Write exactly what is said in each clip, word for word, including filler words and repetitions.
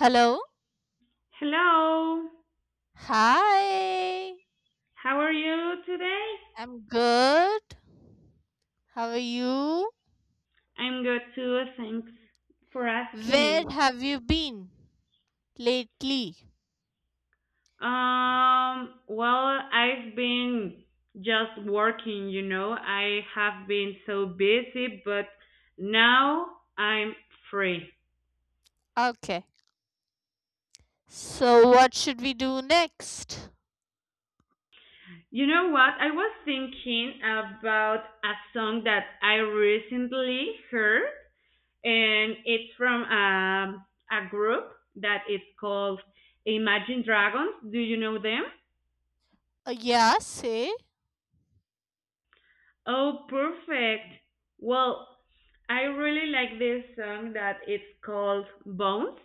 Hello. Hello, Hi. how are you today? I'm good. How are you? I'm good too, thanks for Where asking. have you been lately? Um, well, I've been just working, you know, I have been so busy, but now I'm free. Okay. So, what should we do next? You know what? I was thinking about a song that I recently heard, and it's from um, a group that is called Imagine Dragons. Do you know them? Uh, yeah, say. Oh, perfect. Well, I really like this song that it's called Bones.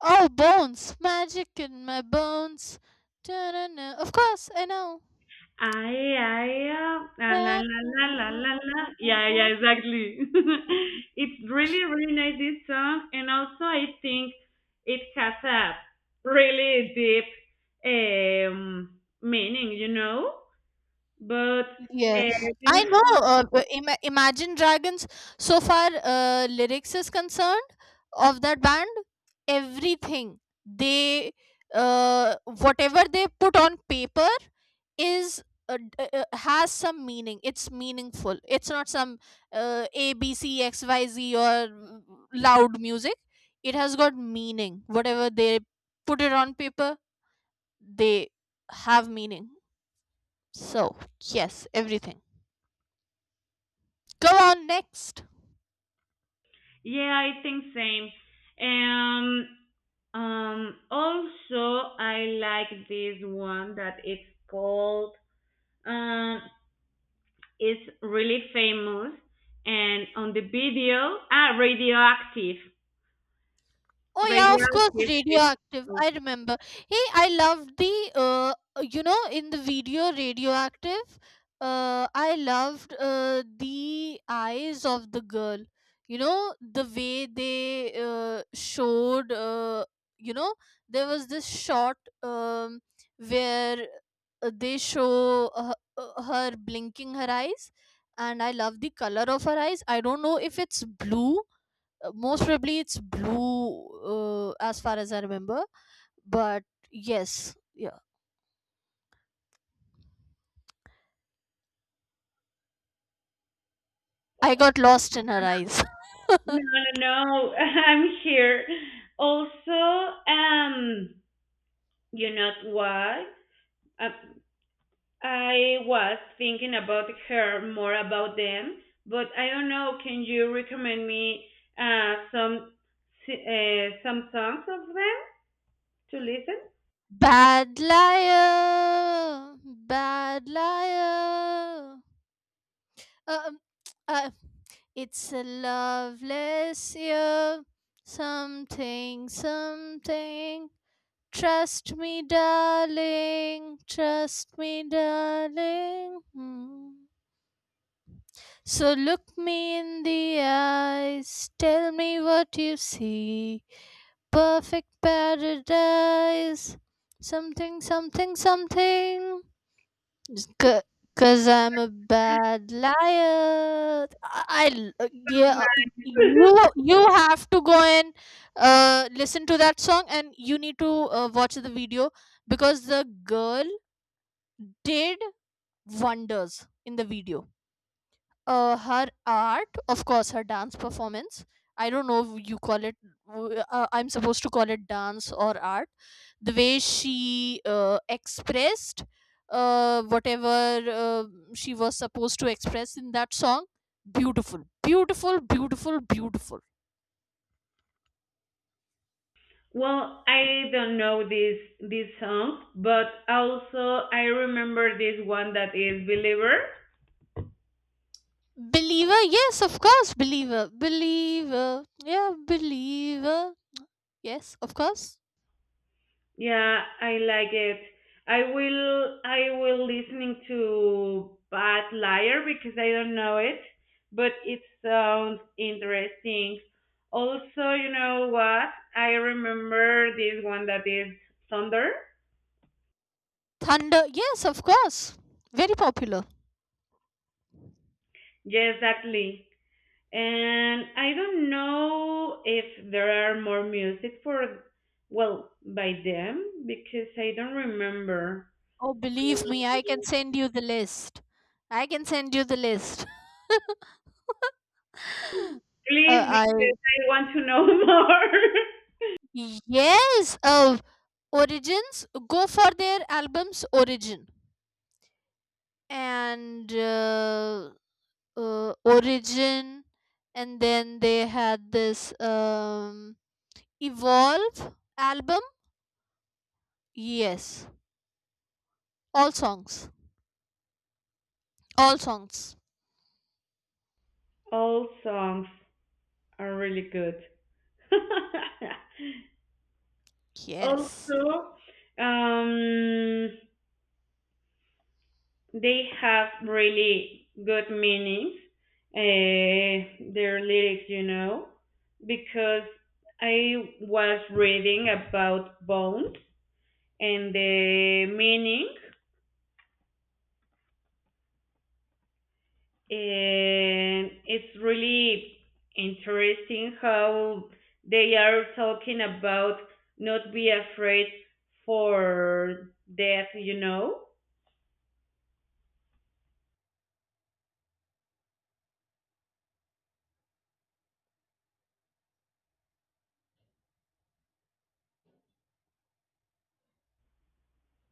Oh, bones. Magic in my bones. Da-na-na. Of course, I know. Ay, ay, ah, la, la, Yeah. la, la, la, la, la. Yeah, yeah, exactly. It's really, really nice, this song. And also, I think it has a really deep um, meaning, you know? But, uh, Yes, do I you- know. Uh, but ima Imagine Dragons, so far, uh, lyrics is concerned of that band, everything they, uh, whatever they put on paper is uh, d- uh, uh, has some meaning. It's meaningful. It's not some uh, A B C X Y Z or mm, loud music. It has got meaning. Whatever they put it on paper, they have meaning. So yes, everything. Go on next. yeah, I think same. Um, Um, also, I like this one that it's called, um, it's really famous and on the video, ah, radioactive. Oh yeah, of course, Radioactive is, radioactive. no, I remember. Hey, I loved the uh, you know, in the video radioactive. Uh, I loved uh, the eyes of the girl. You know the way they uh, showed. Uh, you know there was this shot, um, where uh, they show uh, uh, her blinking her eyes, and I love the color of her eyes. I don't know if it's blue. Uh, most probably it's blue, uh, as far as I remember, but yes yeah I got lost in her eyes. no, no, I'm here. Also, um, you know what? Uh, I was thinking about her more about them, but I don't know. Can you recommend me uh, some uh, some songs of them to listen? Bad liar, bad liar. um, uh, it's a loveless year, something something, trust me darling, trust me darling. Hmm. So look me in the eyes, tell me what you see. Perfect paradise. Something, something, something. Just cause I'm a bad liar. I, I- yeah, you you have to go and uh listen to that song, and you need to uh, watch the video because the girl did wonders in the video, uh, her art, of course, her dance performance. I don't know if you call it. Uh, I'm supposed to call it dance or art. The way she uh, expressed uh, whatever uh, she was supposed to express in that song, beautiful, beautiful, beautiful, beautiful. Well, I don't know this this song, but also I remember this one that is Believer. Believer, yes, of course, believer, believer, yeah, believer, yes, of course. Yeah, I like it. I will I will listening to Bad Liar because I don't know it, but it sounds interesting. Also, you know what? I remember this one that is Thunder. Thunder, yes, of course. Very popular. Yes, exactly. And I don't know if there are more music for well by them because I don't remember. Oh, believe me, I can send you the list. I can send you the list. uh, Please, I because I want to know more. Yes, uh, Origins, go for their album's Origin, and uh, uh, Origin, and then they had this. Um, Evolve album? Yes. All songs. All songs. All songs are really good. Yes. Also, um, they have really good meanings, uh, their lyrics, you know, because I was reading about bones and the meaning, and it's really interesting how they are talking about not be afraid for death, you know,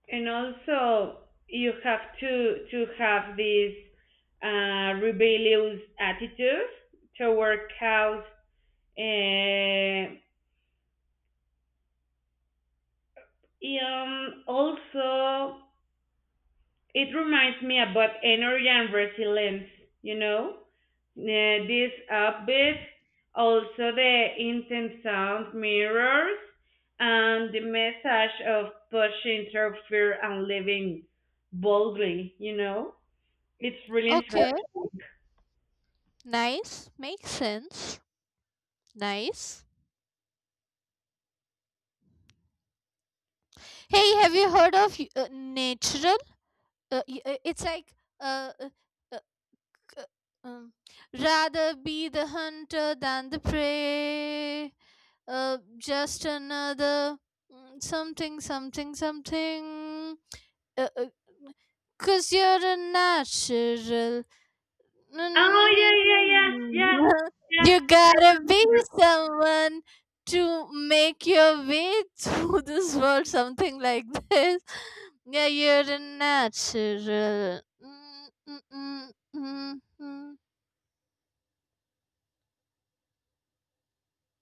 and also you have to to have this uh, rebellious attitude toward cows, and um, also it reminds me about energy and resilience, you know? Uh, this upbeat, also the intense sound mirrors, and the message of pushing through fear and living boldly, you know? It's really Okay. interesting. Nice. Makes sense. Nice. Hey, have you heard of uh, natural? Uh, y- uh, it's like, uh, uh, uh, um, rather be the hunter than the prey. Uh, just another, mm, something, something, something. Uh, uh, Cause you're a natural. Oh, yeah, yeah, yeah, yeah, You yeah, gotta be someone to make your way through this world, something like this. Yeah, you're a natural. Mm, mm, mm, mm, mm.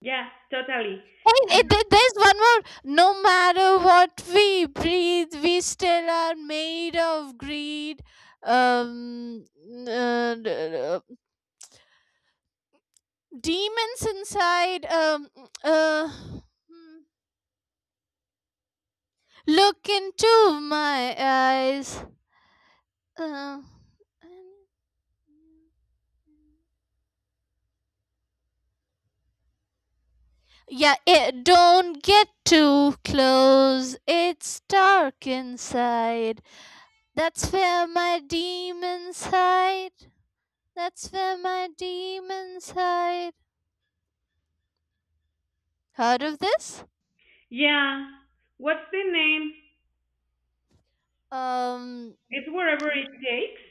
yeah, totally. Hey, it, there- there's one more. No matter what we breathe, we still are made of greed. Um, uh, d- d- uh, Demons inside. Um, uh. hmm. Look into my eyes. Uh, yeah, it, don't get too close. It's dark inside. That's where my demons hide. That's where my demons hide. Heard of this? Yeah. What's the name? Um, It's wherever it takes.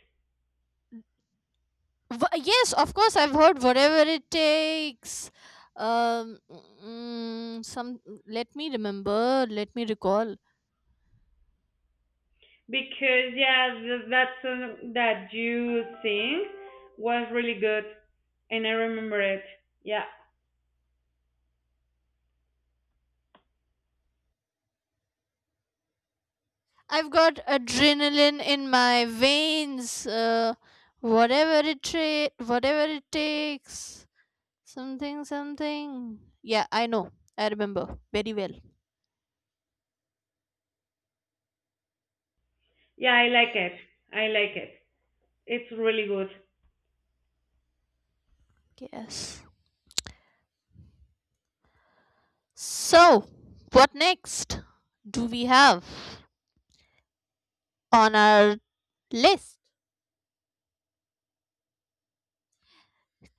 Wh- yes, of course, I've heard whatever it takes. Um, mm, some. Let me remember. Let me recall. because yeah, th- that song that you sing was really good, and I remember it. Yeah, I've got adrenaline in my veins. Uh, whatever it tra- whatever it takes. Something, something. Yeah, I know. I remember very well. yeah, I like it. I like it. It's really good. Yes. So, what next do we have on our list,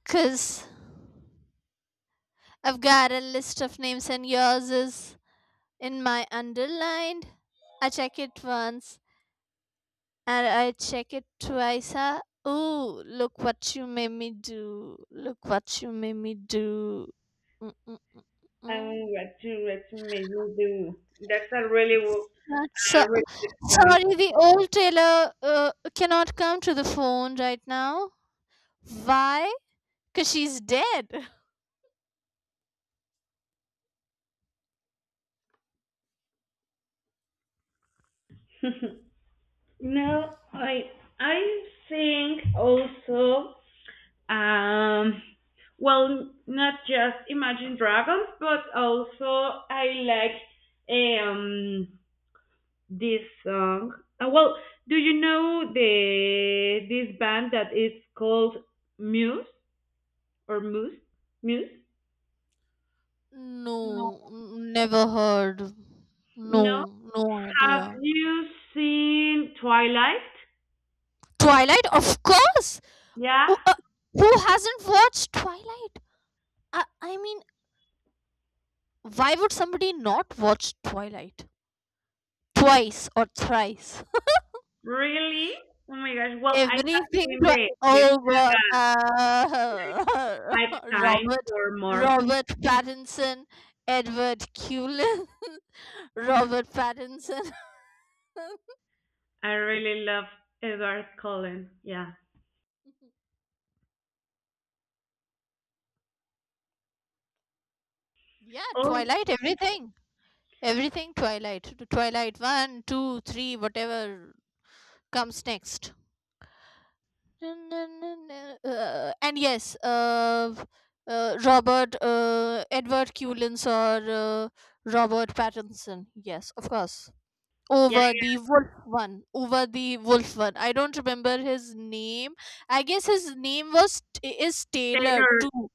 because I've got a list of names and yours is in my underlined. I check it once and I check it twice. Huh? Ooh, look what you made me do. Look what you made me do. Mm, mm, mm, I'm mm. what you what you made me do. That's a really wo- So A really sorry, the old tailor uh, cannot come to the phone right now. Why? Because she's dead. good song. no, I I sing also. Um, well, not just Imagine Dragons, but also I like um this song. Uh, well, do you know the this band that is called Muse or Moose? Muse? No. No, never heard. No. No, no Have idea. you seen Twilight? Twilight, of course. Yeah. Who, uh, who hasn't watched Twilight? I, I mean, why would somebody not watch Twilight twice or thrice? Really? Oh my gosh. Well, I have Everything. seen Twi- the the Oh God, uh, five times Robert, or more. Robert Pattinson, Edward Cullen, Robert Pattinson. I really love Edward Cullen. Yeah. Yeah, Oh, Twilight. Everything, everything. Twilight. Twilight one, two, three, whatever comes next. Uh, and yes, uh, uh, Robert, uh, Edward Cullen or uh, Robert Pattinson. Yes, of course. yeah. Over the wolf one, over the wolf one, I don't remember his name. I guess his name was is Taylor Taylor too,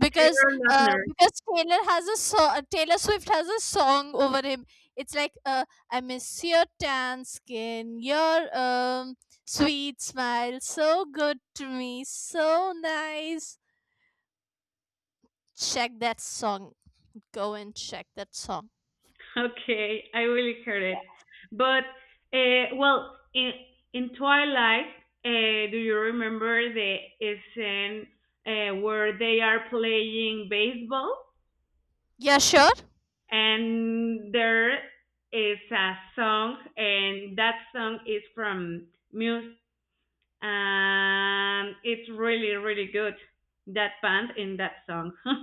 because Taylor uh Lautner. because taylor has a so- Taylor Swift has a song over him. It's like, uh I miss your tan skin, your um sweet smile, so good to me, so nice. Check that song, go and check that song. Okay, I really heard it. But uh, well, in in Twilight, uh, do you remember the scene uh, where they are playing baseball Yeah, sure. and there is a song, and that song is from Muse, and it's really really good that band in that song.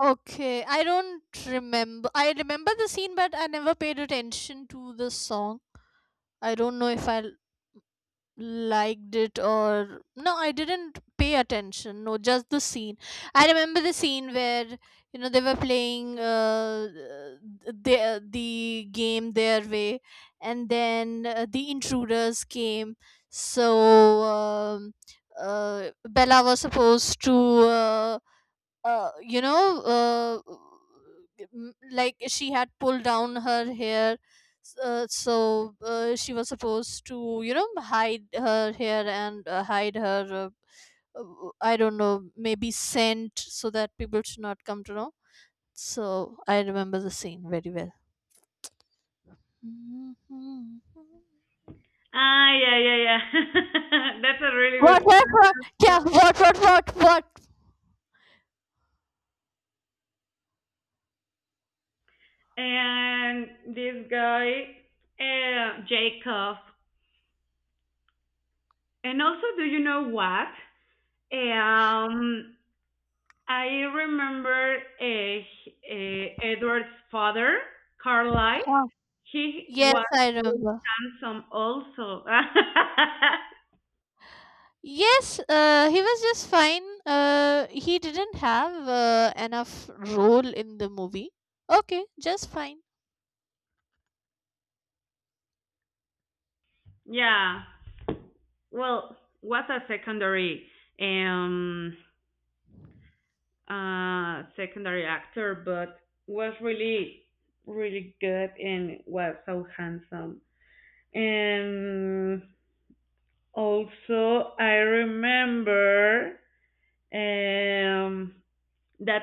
Okay, I don't remember. I remember the scene, but I never paid attention to the song. I don't know if I l- liked it or no. I didn't pay attention. No, just the scene. I remember the scene where, you know, they were playing uh, the the game their way, and then uh, the intruders came. So um, uh, Bella was supposed to. Uh, uh, you know, uh, m- like she had pulled down her hair, s- uh, so uh, she was supposed to, you know, hide her hair and uh, hide her, uh, uh, I don't know, maybe scent, so that people should not come to know. So I remember the scene very well. Mhm. ah yeah yeah yeah. That's a really What, good what, what? Yeah, song. what, what, what, what? and this guy uh, Jacob. And also, do you know what? Um, I remember uh, uh, Edward's father, Carlyle. Huh. He Yes, was I really remember. handsome, also. Yes, uh, he was just fine. Uh, he didn't have uh, enough role in the movie. Okay, just fine. Yeah. Well, was a secondary um uh secondary actor, but was really really good and was so handsome. And also, I remember um, that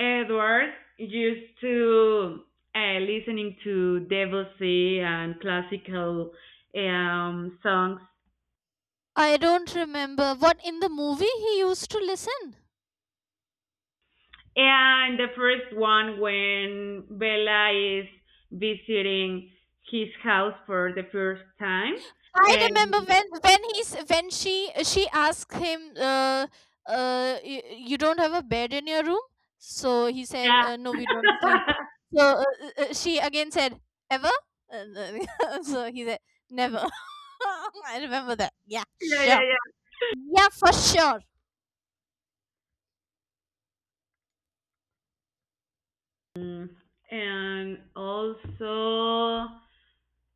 Edward used to uh, listening to Debussy and classical um, songs. I don't remember what in the movie he used to listen. And the first one when Bella is visiting his house for the first time. I remember And when when he's when she she asked him, uh, uh, y- you don't have a bed in your room, so he said, yeah, uh, no, we don't sleep. So uh, uh, uh, she again said, ever? Uh, uh, so he said, never. I remember that. Yeah, sure. yeah, yeah, Yeah, for sure. yeah. Mm, And also,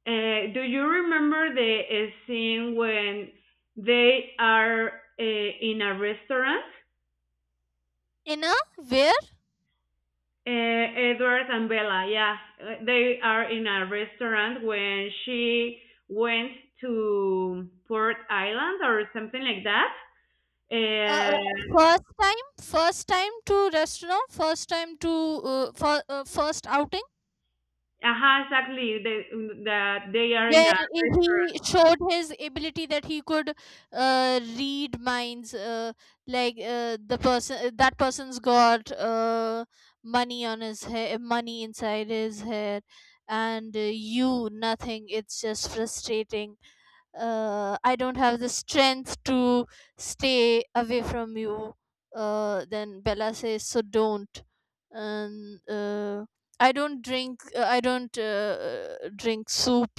Uh, do you remember the uh, scene when they are uh, in a restaurant? In a where? Uh, Edward and Bella, yeah. Uh, they are in a restaurant when she went to Port Island or something like that. uh, uh, Uh, First time, first time to restaurant, first time to uh, for, uh, first outing, uh exactly. They, that they are in where a he showed his ability that he could uh, read minds, uh, like, uh, the person, uh, that person's got uh, money on his hair, money inside his hair, and uh, you nothing. It's just frustrating. uh, I don't have the strength to stay away from you. Uh, then Bella says, so don't. And uh, I don't drink, uh, I don't uh, drink soup.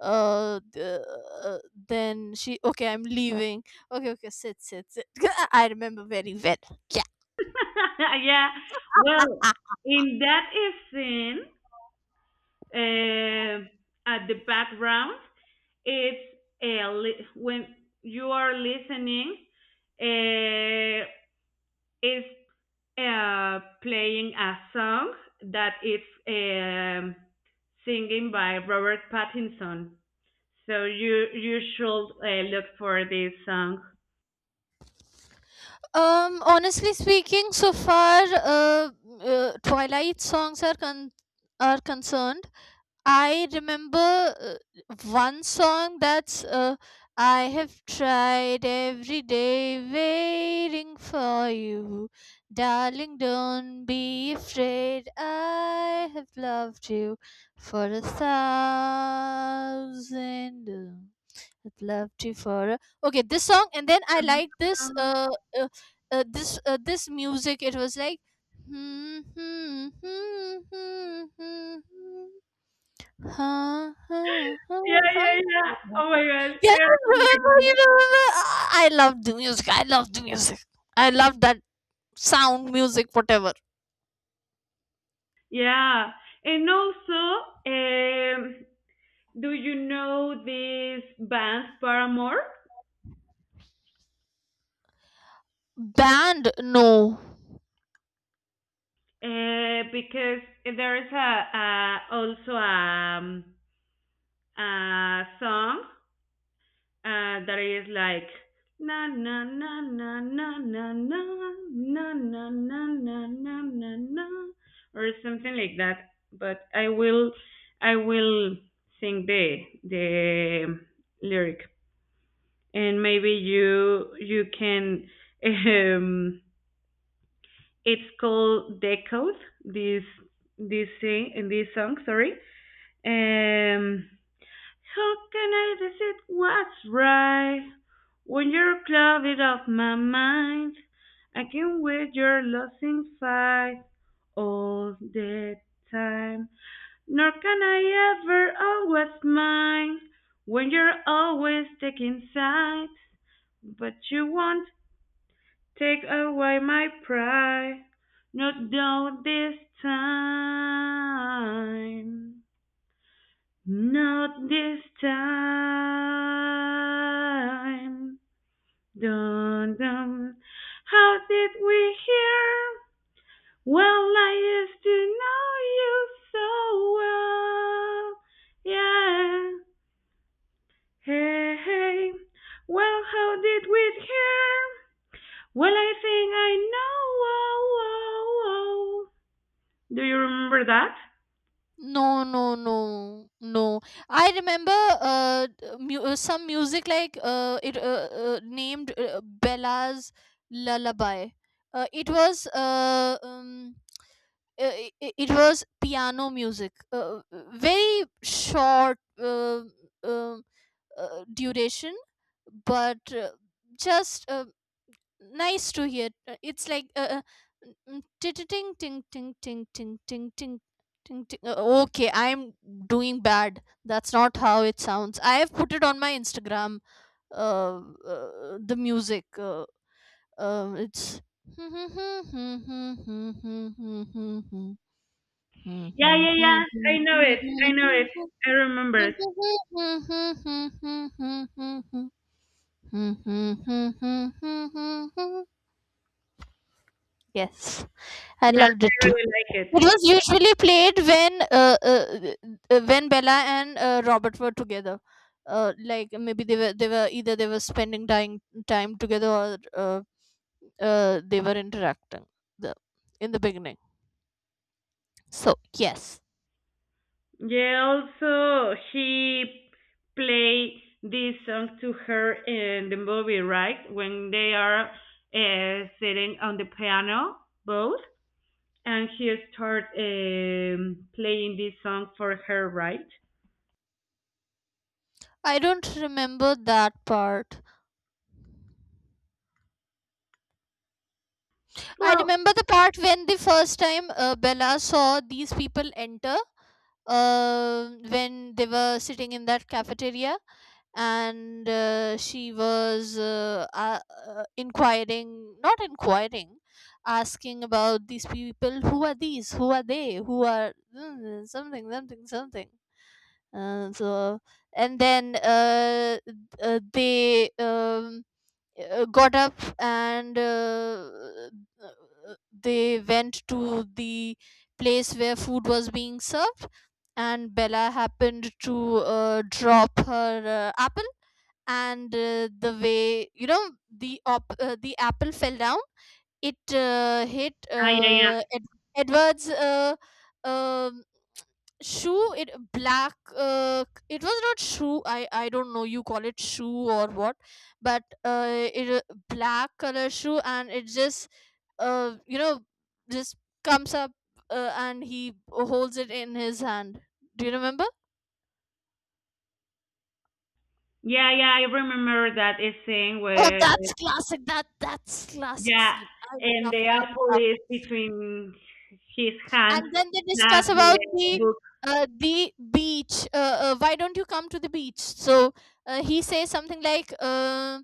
uh, the- uh, then she, okay, I'm leaving. Okay, okay, sit, sit, sit. I remember very well. Yeah. yeah. Well, in that scene, uh, at the background, it's a when you are listening, uh, is uh, playing a song that is um, singing by Robert Pattinson. So you you should uh, look for this song. Um, honestly speaking, so far, uh, uh, Twilight songs are con- are concerned. I remember uh, one song that's, uh, I have tried every day waiting for you, darling. Don't be afraid. I have loved you for a thousand. I'd love to for, uh, okay, this song, and then I like this, uh, uh, uh this uh, this music. It was like, hmm hmm hmm hmm hmm hmm, ha, ha, ha, Yeah, yeah, yeah. something like that. Oh my god, I Yeah, remember? You remember. remember? Ah, I love the music, I love the music, I love that sound music, whatever. Yeah, and also, um, do you know this band Paramore? Band? No. Uh, because there is a, a also a, um, a song uh, that is like na na na na na na na na na na na na na na or something like that. But I will I will sing the the lyric and maybe you you can um it's called Decode this this sing in this song, sorry. Um, how can I decide what's right when you're clouded off my mind? I can wait your losing fight all the time. Nor can I ever always mine when you're always taking sides. But you won't take away my pride, not now this time. Not this time. Dun dun. How did we hear? Well, I used to know you so well. Yeah. Hey, hey. Well, how did we hear? Well, I think I know. Oh, oh, oh. Do you remember that? No, no, no, no. I remember uh, d- mu- uh, some music like, uh, it uh, uh, named, uh, Bella's Lullaby. Uh, it was, uh, um, uh, it, it was piano music, uh, uh, very short uh, um uh, duration, but uh, just uh, nice to hear. Uh, It's like, uh, uh, mm, ting ting ting ting ting ting ting ting, ting, ting. Uh, Okay, I'm doing bad. That's not how it sounds. I have put it on my Instagram. Uh, uh, the music. Uh, uh, it's. Yeah, yeah, yeah. I know it. I know it. I remember it. Yes, I Yeah, loved I it. really like it. It was usually played when, uh, uh, uh, when Bella and uh, Robert were together. Uh, like, maybe they were they were either they were spending time time together, or uh, uh, they were interacting the in the beginning. So yes. Yeah, also he play this song to her in the movie, right? When they are uh, sitting on the piano, both, and he start um, playing this song for her, right? I don't remember that part. I Well, remember the part when the first time, uh, Bella saw these people enter, uh, when they were sitting in that cafeteria, and uh, she was uh, uh, uh, inquiring, not inquiring, asking about these people, who are these, who are they, who are, mm, something, something, something. Uh, so, and then uh, th- uh, they, um, uh, got up, and uh, they went to the place where food was being served, and Bella happened to uh, drop her uh, apple, and uh, the way, you know, the op- uh, the apple fell down. It uh, hit ah, yeah, yeah, uh, Ed- Edward's uh, um shoe, it black, uh, it was not shoe, i i don't know you call it shoe or what, but uh it a black color shoe, and it just, uh you know, just comes up, uh, and he holds it in his hand. Do you remember? yeah, yeah. I remember that scene Oh, where that's classic, that that's classic yeah, scene, I and the loved, I. apple is between his hands. And then they discuss That's about the, the uh, the beach. Uh, uh, why don't you come to the beach? So uh, he says something like, uh,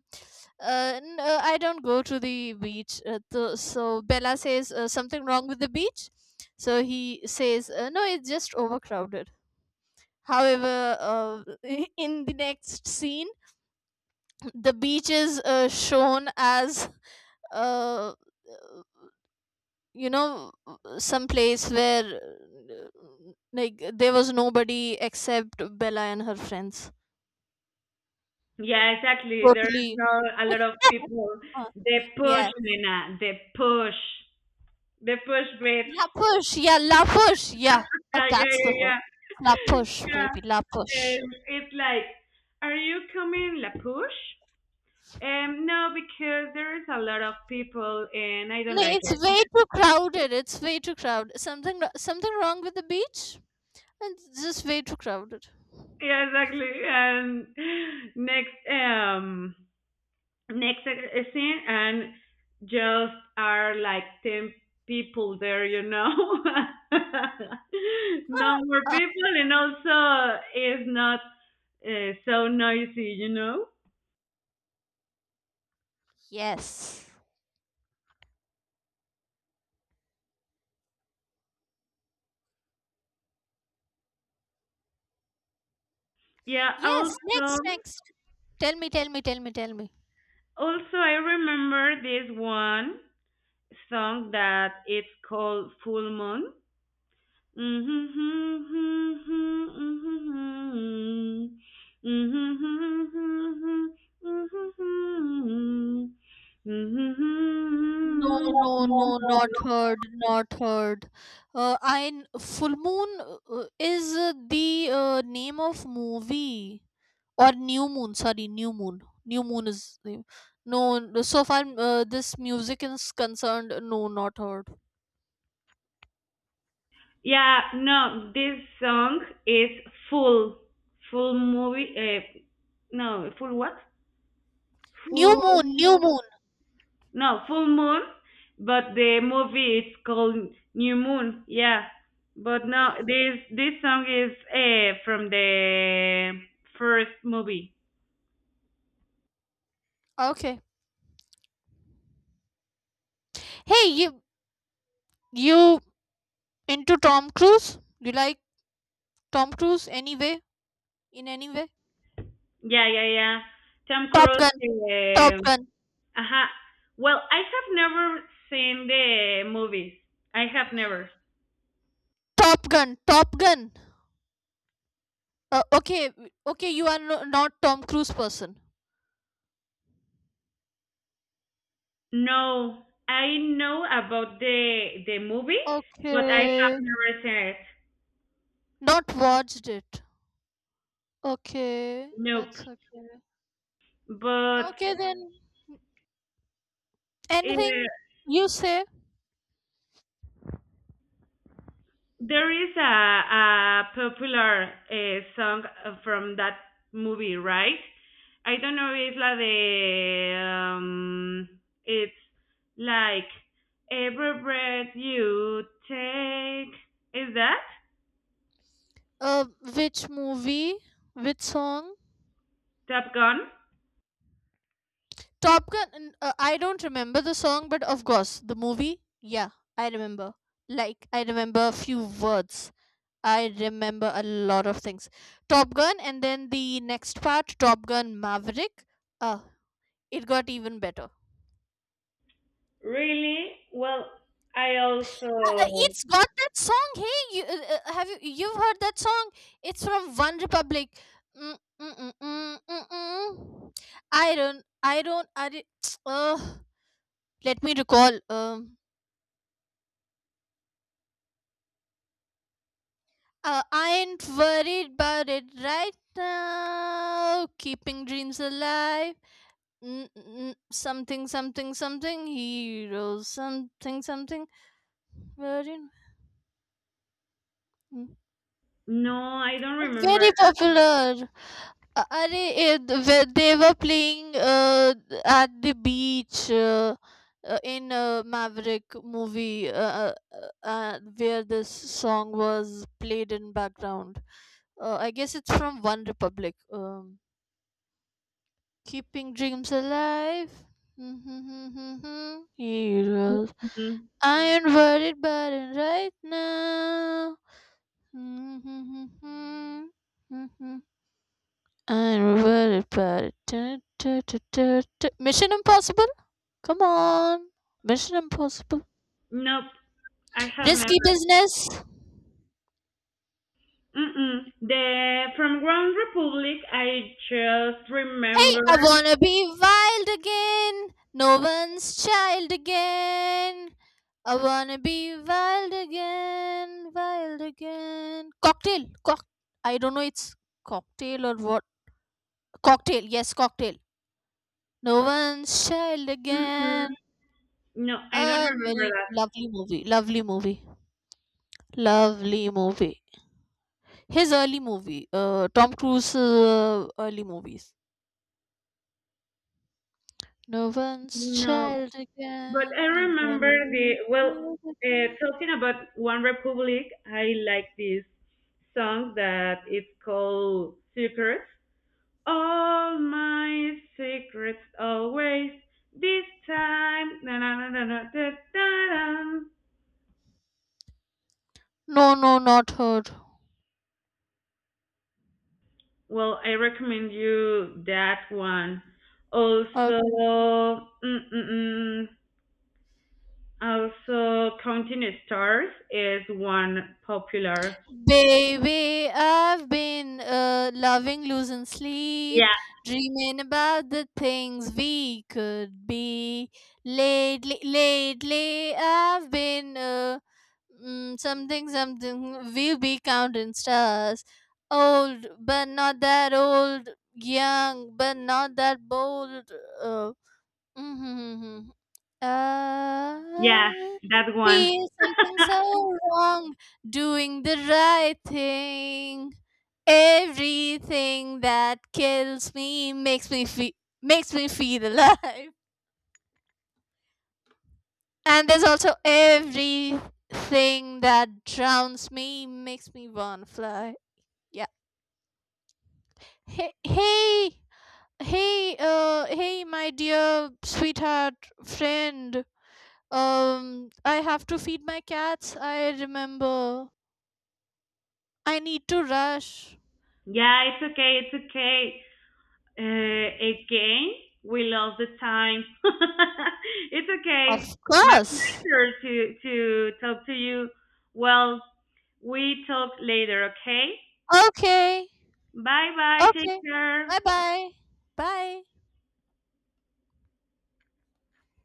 uh, n- uh, I don't go to the beach. Uh, th- so Bella says, uh, something wrong with the beach? So he says, uh, no, it's just overcrowded. However, uh, in the next scene, the beach is uh, shown as, uh, you know, some place where, uh, like there was nobody except Bella and her friends. yeah, exactly. There is Totally. not a lot of people. uh, The yeah, push, Nena. The push. The push, bitch. la push, yeah, la push, yeah, uh, Yeah, yeah, that's the one. yeah, yeah. La push Yeah. baby, la push. And it's like, are you coming la push? Um, no, because there is a lot of people and I don't No, like it's it. way too crowded, it's way too crowded, something wr- something wrong with the beach. It's just way too crowded. Yeah, exactly. And next, um, next e-, e-, scene and just are like ten people there, you know. No more Ah, people and also it's not uh, so noisy, you know. yes. Yeah, Yes, next, also next, tell me, tell me, tell me, tell me. also I remember this one song that it's called Full Moon. Mm-hmm. No, no, no, not heard, not heard. Uh, I n- Full Moon uh, is uh, the uh, name of movie, or New Moon. Sorry, New Moon. New Moon is the no. n- So far, uh, this music is concerned. No, not heard. Yeah, no, this song is full, full movie. Uh, no, full what? New Moon, Full. New Moon. No, full moon, but the movie it's called New Moon. Yeah. But no, this this song is uh, from the first movie. Okay. Hey, you you into Tom Cruise? You like Tom Cruise anyway? In any way? Yeah, yeah, yeah. Tom Top Cruise. Gun, Top Uh, Gun, uh Well, I have never seen the movies. I have never. Top Gun, Top Gun. Uh, okay, okay, you are, no, not Tom Cruise person. No, I know about the the movie, but I have Okay. never seen it. Not watched it. Okay. Nope. That's okay. But Okay, then anything uh, you say? there is a, a popular eh, song from that movie, right? I don't know, es la de. Um, it's like every breath you take. Is that Uh, which movie? Which song? Top Gun? Top Gun. n- Uh, I don't remember the song, but of course the movie. Yeah, I remember. Like I remember a few words. I remember a lot of things. Top Gun, and then the next part, Top Gun Maverick. Uh, it got even better. Really? Well, I uh, uh, also. It's got that song, hey you. Uh, uh, uh, have you you've heard that song? It's from One Republic. Mm, mm, mm, mm, mm, mm. i don't i don't I don't, uh, let me recall. um uh, I ain't worried about it right now, keeping dreams alive. Mm, mm, something something something, heroes, something something. Very, mm, No, I don't remember. very popular. Uh, Arey, eh, th- where they were playing, uh, at the beach, uh, uh, in uh, Maverick movie, uh, uh, uh, where this song was played in background. Uh, I guess it's from One Republic. Um, Keeping dreams alive. Heroes. Mm-mm. I ain't worried about it right now. I will repair. Tu- tu- tu- tu- tu- Mission Impossible? Come on. Mission Impossible. Nope, I have Risky never. business. Mm-mm. The from Ground Republic, I just Hey, remember. I wanna be wild again. No one's child again. I wanna be wild again. Wild again. Cocktail. Cock. I don't know. It's cocktail or what? Cocktail. Yes, cocktail. No one's child Mm-mm. again. No, I don't A remember very that. lovely movie. Lovely movie. Lovely movie. His early movie, uh, Tom Cruise uh, early movies. No one's No, child but I again. I remember wanna be the well. wild Uh, again. Talking about One Republic, I like this song that it's called Secrets. All my secrets, always this time. Na na na na na da da da. No, no, not her. Well, I recommend you that one. Also, mm-mm-mm. Also, counting stars is one popular. Baby, I've been uh, loving losing Yeah, sleep, dreaming about the things we could be. Lately, lately, I've been, uh, mm, something, something. We'll be counting stars. Old, but not that old. Young, but not that bold. Uh, yeah, I that one. feel something so wrong doing the right thing. Everything that kills me makes me feel makes me feel alive. And there's also everything that drowns me makes me wanna fly. Yeah. Hey, hey, hey, uh, hey, my dear sweetheart friend. Um, I have to feed my cats. I remember. I need to rush. Yeah, it's okay, it's okay. Uh, again, we lost the time. It's Of okay. My course. pleasure to to talk to you. Well, we talk later, okay? Okay. Bye bye. Take Okay. care. Bye bye. Bye.